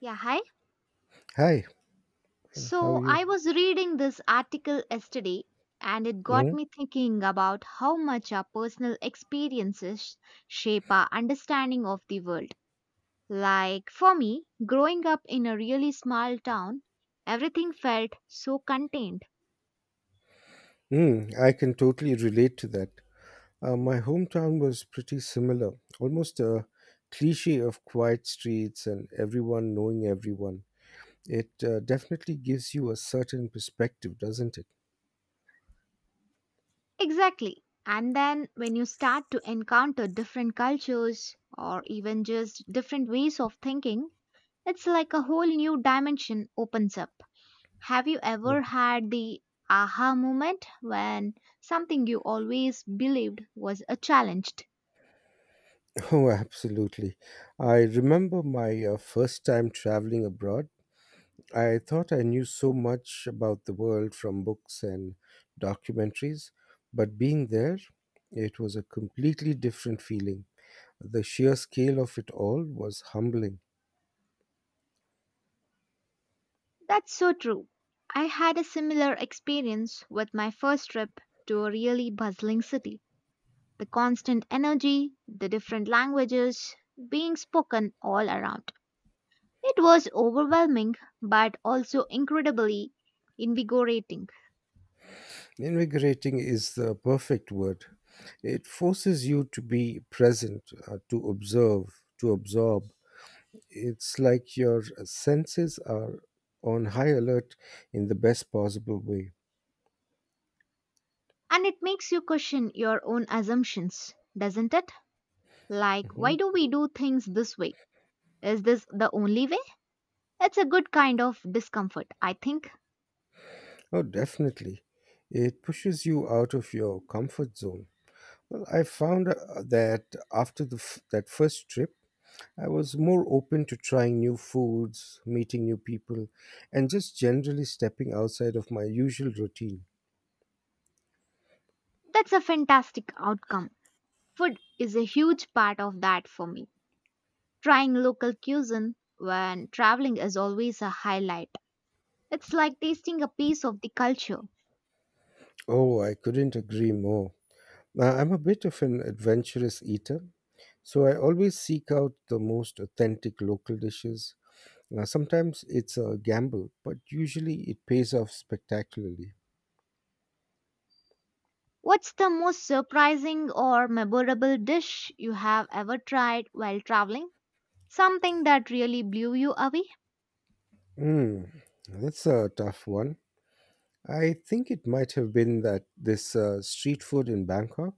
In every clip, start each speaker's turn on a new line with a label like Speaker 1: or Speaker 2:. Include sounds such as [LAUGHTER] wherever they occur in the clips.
Speaker 1: Yeah, hi.
Speaker 2: Hi, how are
Speaker 1: So
Speaker 2: you?
Speaker 1: I was reading this article yesterday and it got
Speaker 2: hmm
Speaker 1: me thinking about how much our personal experiences shape our understanding of the world. Like for me, growing up in a really small town, everything felt so contained.
Speaker 2: Mm, I can totally relate to that. My hometown was pretty similar, almost a cliche of quiet streets and everyone knowing everyone. It definitely gives you a certain perspective, doesn't it?
Speaker 1: Exactly. And then when you start to encounter different cultures or even just different ways of thinking, it's like a whole new dimension opens up. Have you ever
Speaker 2: Mm.
Speaker 1: had the aha moment when something you always believed was a challenged?
Speaker 2: [LAUGHS] Oh, absolutely. I remember my first time traveling abroad. I thought I knew so much about the world from books and documentaries, but being there, it was a completely different feeling. The sheer scale of it all was humbling.
Speaker 1: That's so true. I had a similar experience with my first trip to a really bustling city. The constant energy, the different languages being spoken all around. It was overwhelming but also incredibly invigorating.
Speaker 2: Invigorating is the perfect word. It forces you to be present, to observe, to absorb. It's like your senses are on high alert in the best possible way.
Speaker 1: And it makes you question your own assumptions, doesn't it? Like, why
Speaker 2: Mhm.
Speaker 1: do we do things this way? Is this the only way? It's a good kind of discomfort, I think.
Speaker 2: Oh, definitely. It pushes you out of your comfort zone. Well, I found that that first trip, I was more open to trying new foods, meeting new people, and just generally stepping outside of my usual routine.
Speaker 1: That's a fantastic outcome. Food is a huge part of that for me. Trying local cuisine when traveling is always a highlight. It's like tasting a piece of the culture.
Speaker 2: Oh, I couldn't agree more. Now, I'm a bit of an adventurous eater, so I always seek out the most authentic local dishes. Now, sometimes it's a gamble, but usually it pays off spectacularly.
Speaker 1: What's the most surprising or memorable dish you have ever tried while traveling? Something that really blew you away?
Speaker 2: Hmm, that's a tough one. I think it might have been that this street food in Bangkok.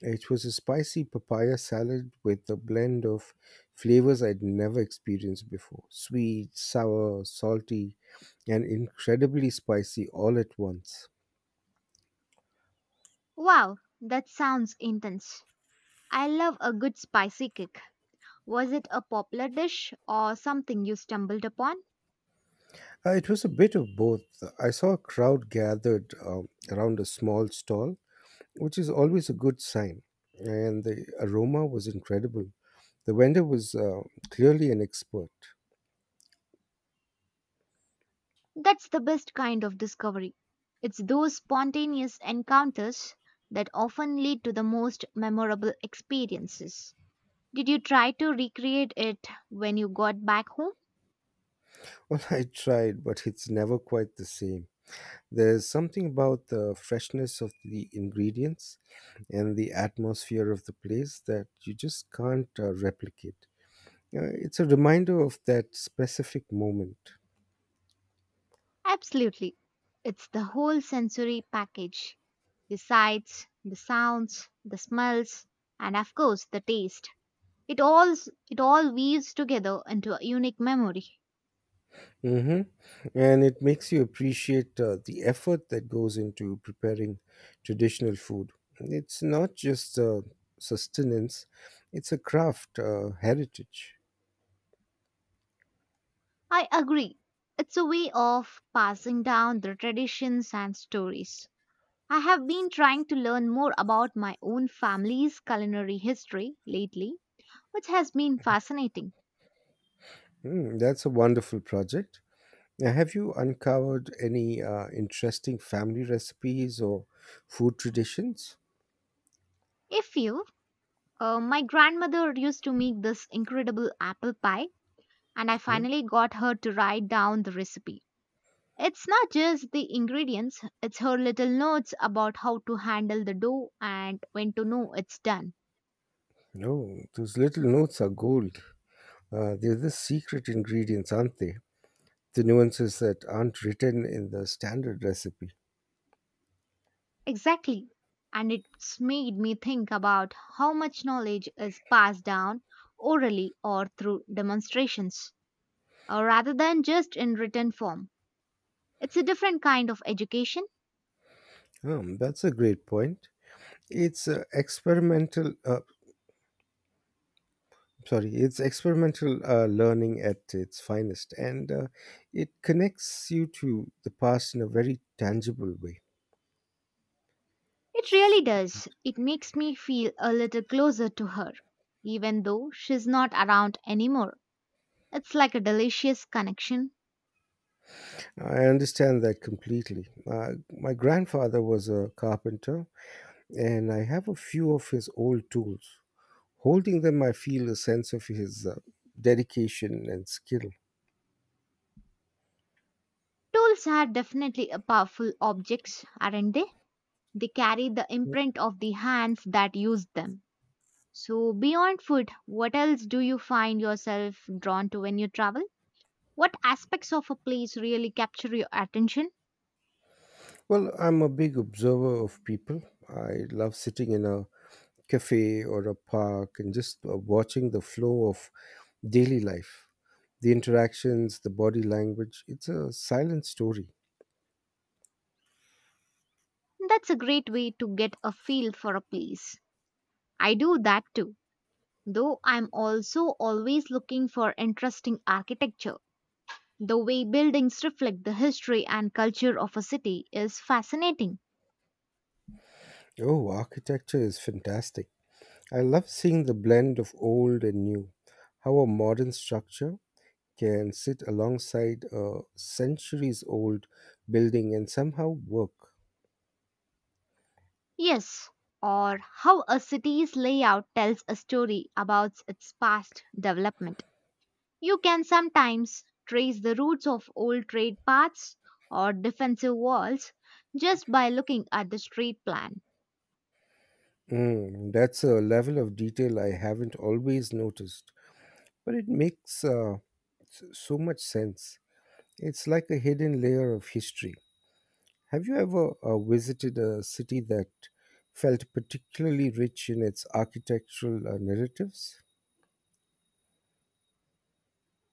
Speaker 2: It was a spicy papaya salad with a blend of flavors I'd never experienced before: sweet, sour, salty, and incredibly spicy all at once.
Speaker 1: Wow, that sounds intense. I love a good spicy kick. Was it a popular dish or something you stumbled upon?
Speaker 2: It was a bit of both. I saw a crowd gathered around a small stall, which is always a good sign, and the aroma was incredible. The vendor was clearly an expert.
Speaker 1: That's the best kind of discovery. It's those spontaneous encounters that often lead to the most memorable experiences. Did you try to recreate it when you got back home?
Speaker 2: Well, [LAUGHS] I tried, but it's never quite the same. There's something about the freshness of the ingredients and the atmosphere of the place that you just can't replicate. It's a reminder of that specific moment.
Speaker 1: Absolutely. It's the whole sensory package, the sights, the sounds, the smells, and of course the taste. It all, it all weaves together into a unique memory.
Speaker 2: hmm And it makes you appreciate the effort that goes into preparing traditional food. It's not just sustenance, it's a craft, heritage.
Speaker 1: I agree. It's a way of passing down the traditions and stories. I have been trying to learn more about my own family's culinary history lately, which has been fascinating.
Speaker 2: Mm, that's a wonderful project. Now, have you uncovered any interesting family recipes or food traditions?
Speaker 1: If you, My grandmother used to make this incredible apple pie, and I
Speaker 2: Hmm?
Speaker 1: finally got her to write down the recipe. It's not just the ingredients, it's her little notes about how to handle the dough and when to know it's done.
Speaker 2: No, those little notes are gold. They're the secret ingredients, aren't they? The nuances that aren't written in the standard recipe.
Speaker 1: Exactly. And it's made me think about how much knowledge is passed down orally or through demonstrations rather than just in written form. It's a different kind of education.
Speaker 2: That's a great point. It's uh, experimental. Uh, it's experimental learning at its finest, and it connects you to the past in a very tangible way.
Speaker 1: It really does. It makes me feel a little closer to her, even though she's not around anymore. It's like a delicious connection.
Speaker 2: I understand that completely. My grandfather was a carpenter, and I have a few of his old tools. Holding them, I feel a sense of his dedication and skill.
Speaker 1: Tools are definitely a powerful objects, aren't they? They carry the imprint of the hands that used them. So, beyond food, what else do you find yourself drawn to when you travel? What aspects of a place really capture your attention?
Speaker 2: Well, I'm a big observer of people. I love sitting in a cafe or a park and just watching the flow of daily life, the interactions, the body language. It's a silent story.
Speaker 1: That's a great way to get a feel for a place. I do that too, though I'm also always looking for interesting architecture. The way buildings reflect the history and culture of a city is fascinating.
Speaker 2: Oh, architecture is fantastic. I love seeing the blend of old and new, how a modern structure can sit alongside a centuries old building and somehow work.
Speaker 1: Yes, or how a city's layout tells a story about its past development. You can sometimes trace the roots of old trade paths or defensive walls just by looking at the street plan.
Speaker 2: Mm, that's a level of detail I haven't always noticed, but it makes so much sense. It's like a hidden layer of history. Have you ever visited a city that felt particularly rich in its architectural narratives?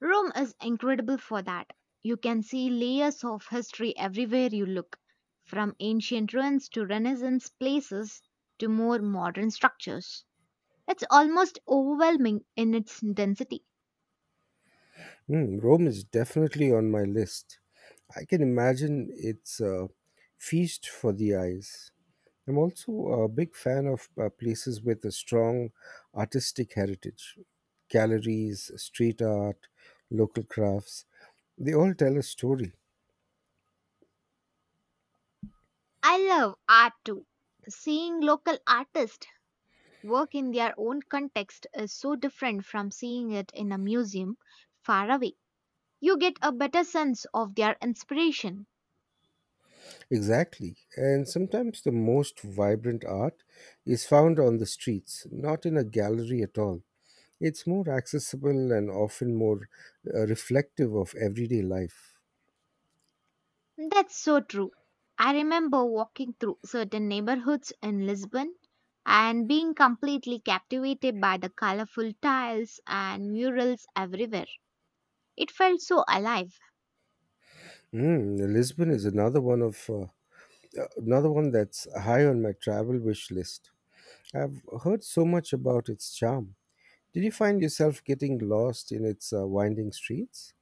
Speaker 1: Rome is incredible for that. You can see layers of history everywhere you look, from ancient ruins to Renaissance places to more modern structures. It's almost overwhelming in its density.
Speaker 2: Mm, Rome is definitely on my list. I can imagine it's a feast for the eyes. I'm also a big fan of places with a strong artistic heritage. Galleries, street art, local crafts, they all tell a story.
Speaker 1: I love art too. Seeing local artists work in their own context is so different from seeing it in a museum far away. You get a better sense of their inspiration.
Speaker 2: Exactly. And sometimes the most vibrant art is found on the streets, not in a gallery at all. It's more accessible and often more reflective of everyday life.
Speaker 1: That's so true. I remember walking through certain neighborhoods in Lisbon and being completely captivated by the colorful tiles and murals everywhere. It felt so alive.
Speaker 2: Mm, Lisbon is another one of another one that's high on my travel wish list. I've heard so much about its charm. Did you find yourself getting lost in its winding streets?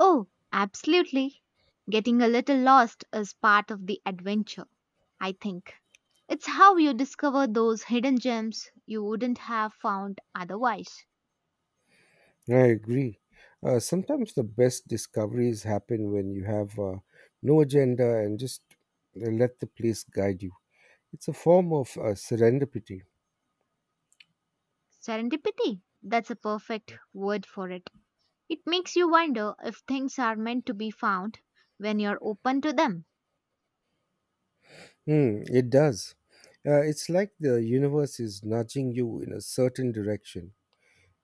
Speaker 1: Oh, absolutely. Getting a little lost is part of the adventure, I think. It's how you discover those hidden gems you wouldn't have found otherwise.
Speaker 2: I agree. Sometimes the best discoveries happen when you have no agenda and just let the place guide you. It's a form of serendipity.
Speaker 1: Serendipity, that's a perfect word for it. It makes you wonder if things are meant to be found when you're open to them.
Speaker 2: Hmm, it does. It's like the universe is nudging you in a certain direction.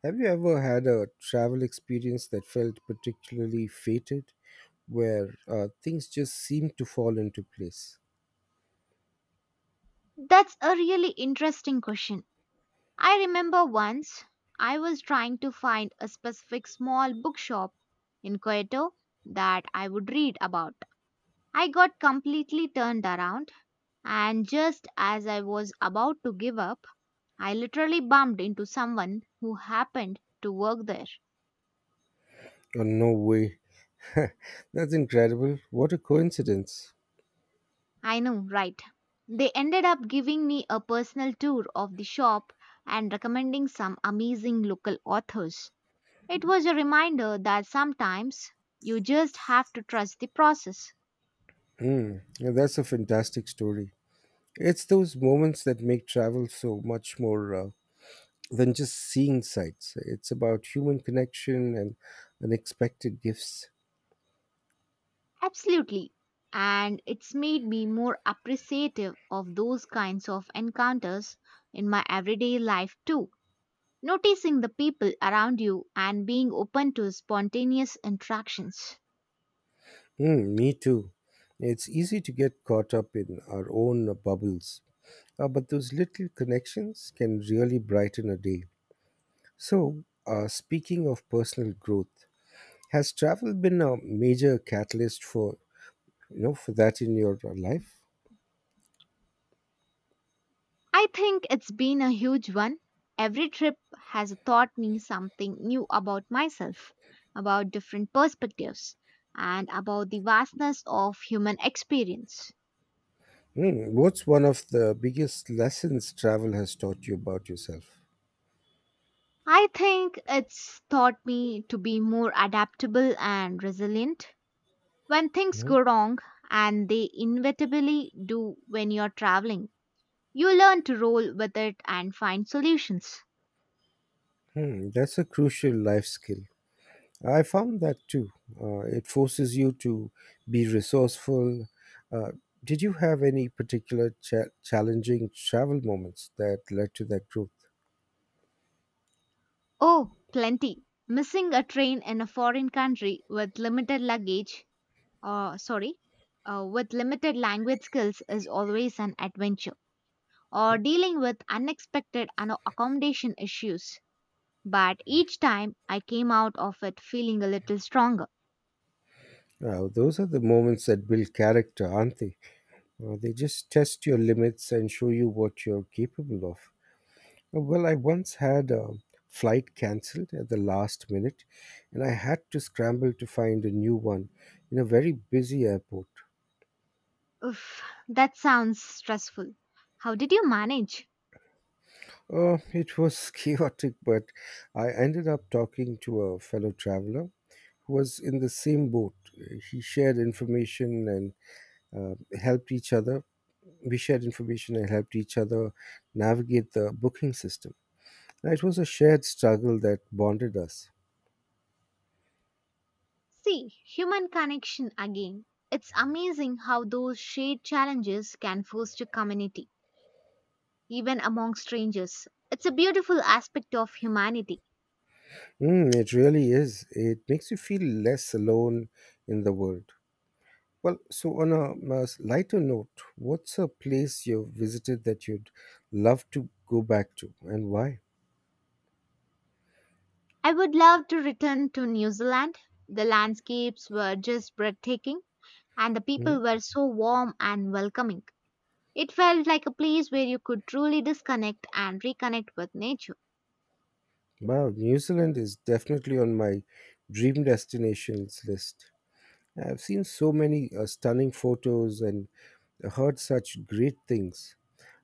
Speaker 2: Have you ever had a travel experience that felt particularly fated, where things just seemed to fall into place?
Speaker 1: That's a really interesting question. I remember once I was trying to find a specific small bookshop in Kyoto that I would read about. I got completely turned around, and just as I was about to give up, I literally bumped into someone who happened to work there.
Speaker 2: Oh, no way. [LAUGHS] That's incredible. What a coincidence.
Speaker 1: I know, right? They ended up giving me a personal tour of the shop and recommending some amazing local authors. It was a reminder that sometimes you just have to trust the process.
Speaker 2: Hmm, yeah, that's a fantastic story. It's those moments that make travel so much more than just seeing sights. It's about human connection and unexpected gifts.
Speaker 1: Absolutely. And it's made me more appreciative of those kinds of encounters in my everyday life too. Noticing the people around you and being open to spontaneous interactions.
Speaker 2: Hmm, me too. It's easy to get caught up in our own bubbles. But those little connections can really brighten a day. So, speaking of personal growth, has travel been a major catalyst for, for that in your life?
Speaker 1: I think it's been a huge one. Every trip has taught me something new about myself, about different perspectives, and about the vastness of human experience.
Speaker 2: Hmm, what's one of the biggest lessons travel has taught you about yourself?
Speaker 1: I think it's taught me to be more adaptable and resilient when things
Speaker 2: Mhm.
Speaker 1: go wrong, and they inevitably do when you're traveling. You learn to roll with it and find solutions.
Speaker 2: Hmm, that's a crucial life skill. I found that too. It forces you to be resourceful. Uh, did you have any particular challenging travel moments that led to that growth?
Speaker 1: Oh, plenty. Missing a train in a foreign country with limited luggage, or sorry, with limited language skills is always an adventure. Or dealing with unexpected and accommodation issues. But each time I came out of it feeling a little stronger.
Speaker 2: Wow, those are the moments that build character, aren't they? They just test your limits and show you what you're capable of. Well, I once had a flight cancelled at the last minute, and I had to scramble to find a new one in a very busy airport.
Speaker 1: Oof, that sounds stressful. How did you manage?
Speaker 2: It was [LAUGHS] chaotic, but I ended up talking to a fellow traveler who was in the same boat. He shared information and uh, helped each other we shared information and helped each other navigate the booking system. It was a shared struggle that bonded us.
Speaker 1: See, human connection again. It's amazing how those shared challenges can foster community, even among strangers. It's a beautiful aspect of humanity.
Speaker 2: Mm, it really is. It makes you feel less alone in the world. Well, so on a, lighter note, what's a place you've visited that you'd love to go back to and why?
Speaker 1: I would love to return to New Zealand. The landscapes were just breathtaking, and the people
Speaker 2: Mm.
Speaker 1: were so warm and welcoming. It felt like a place where you could truly disconnect and reconnect with nature.
Speaker 2: Wow, New Zealand is definitely on my dream destinations list. I've seen so many stunning photos and heard such great things.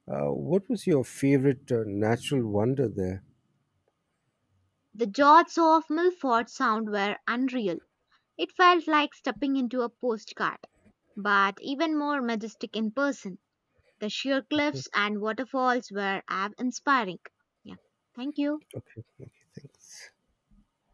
Speaker 2: What was your favorite natural wonder there?
Speaker 1: The jots of Milford Sound were unreal. It felt like stepping into a postcard, but even more majestic in person. The sheer
Speaker 2: Mhm.
Speaker 1: cliffs and waterfalls were awe inspiring. Yeah, thank you.
Speaker 2: Okay, okay, thanks.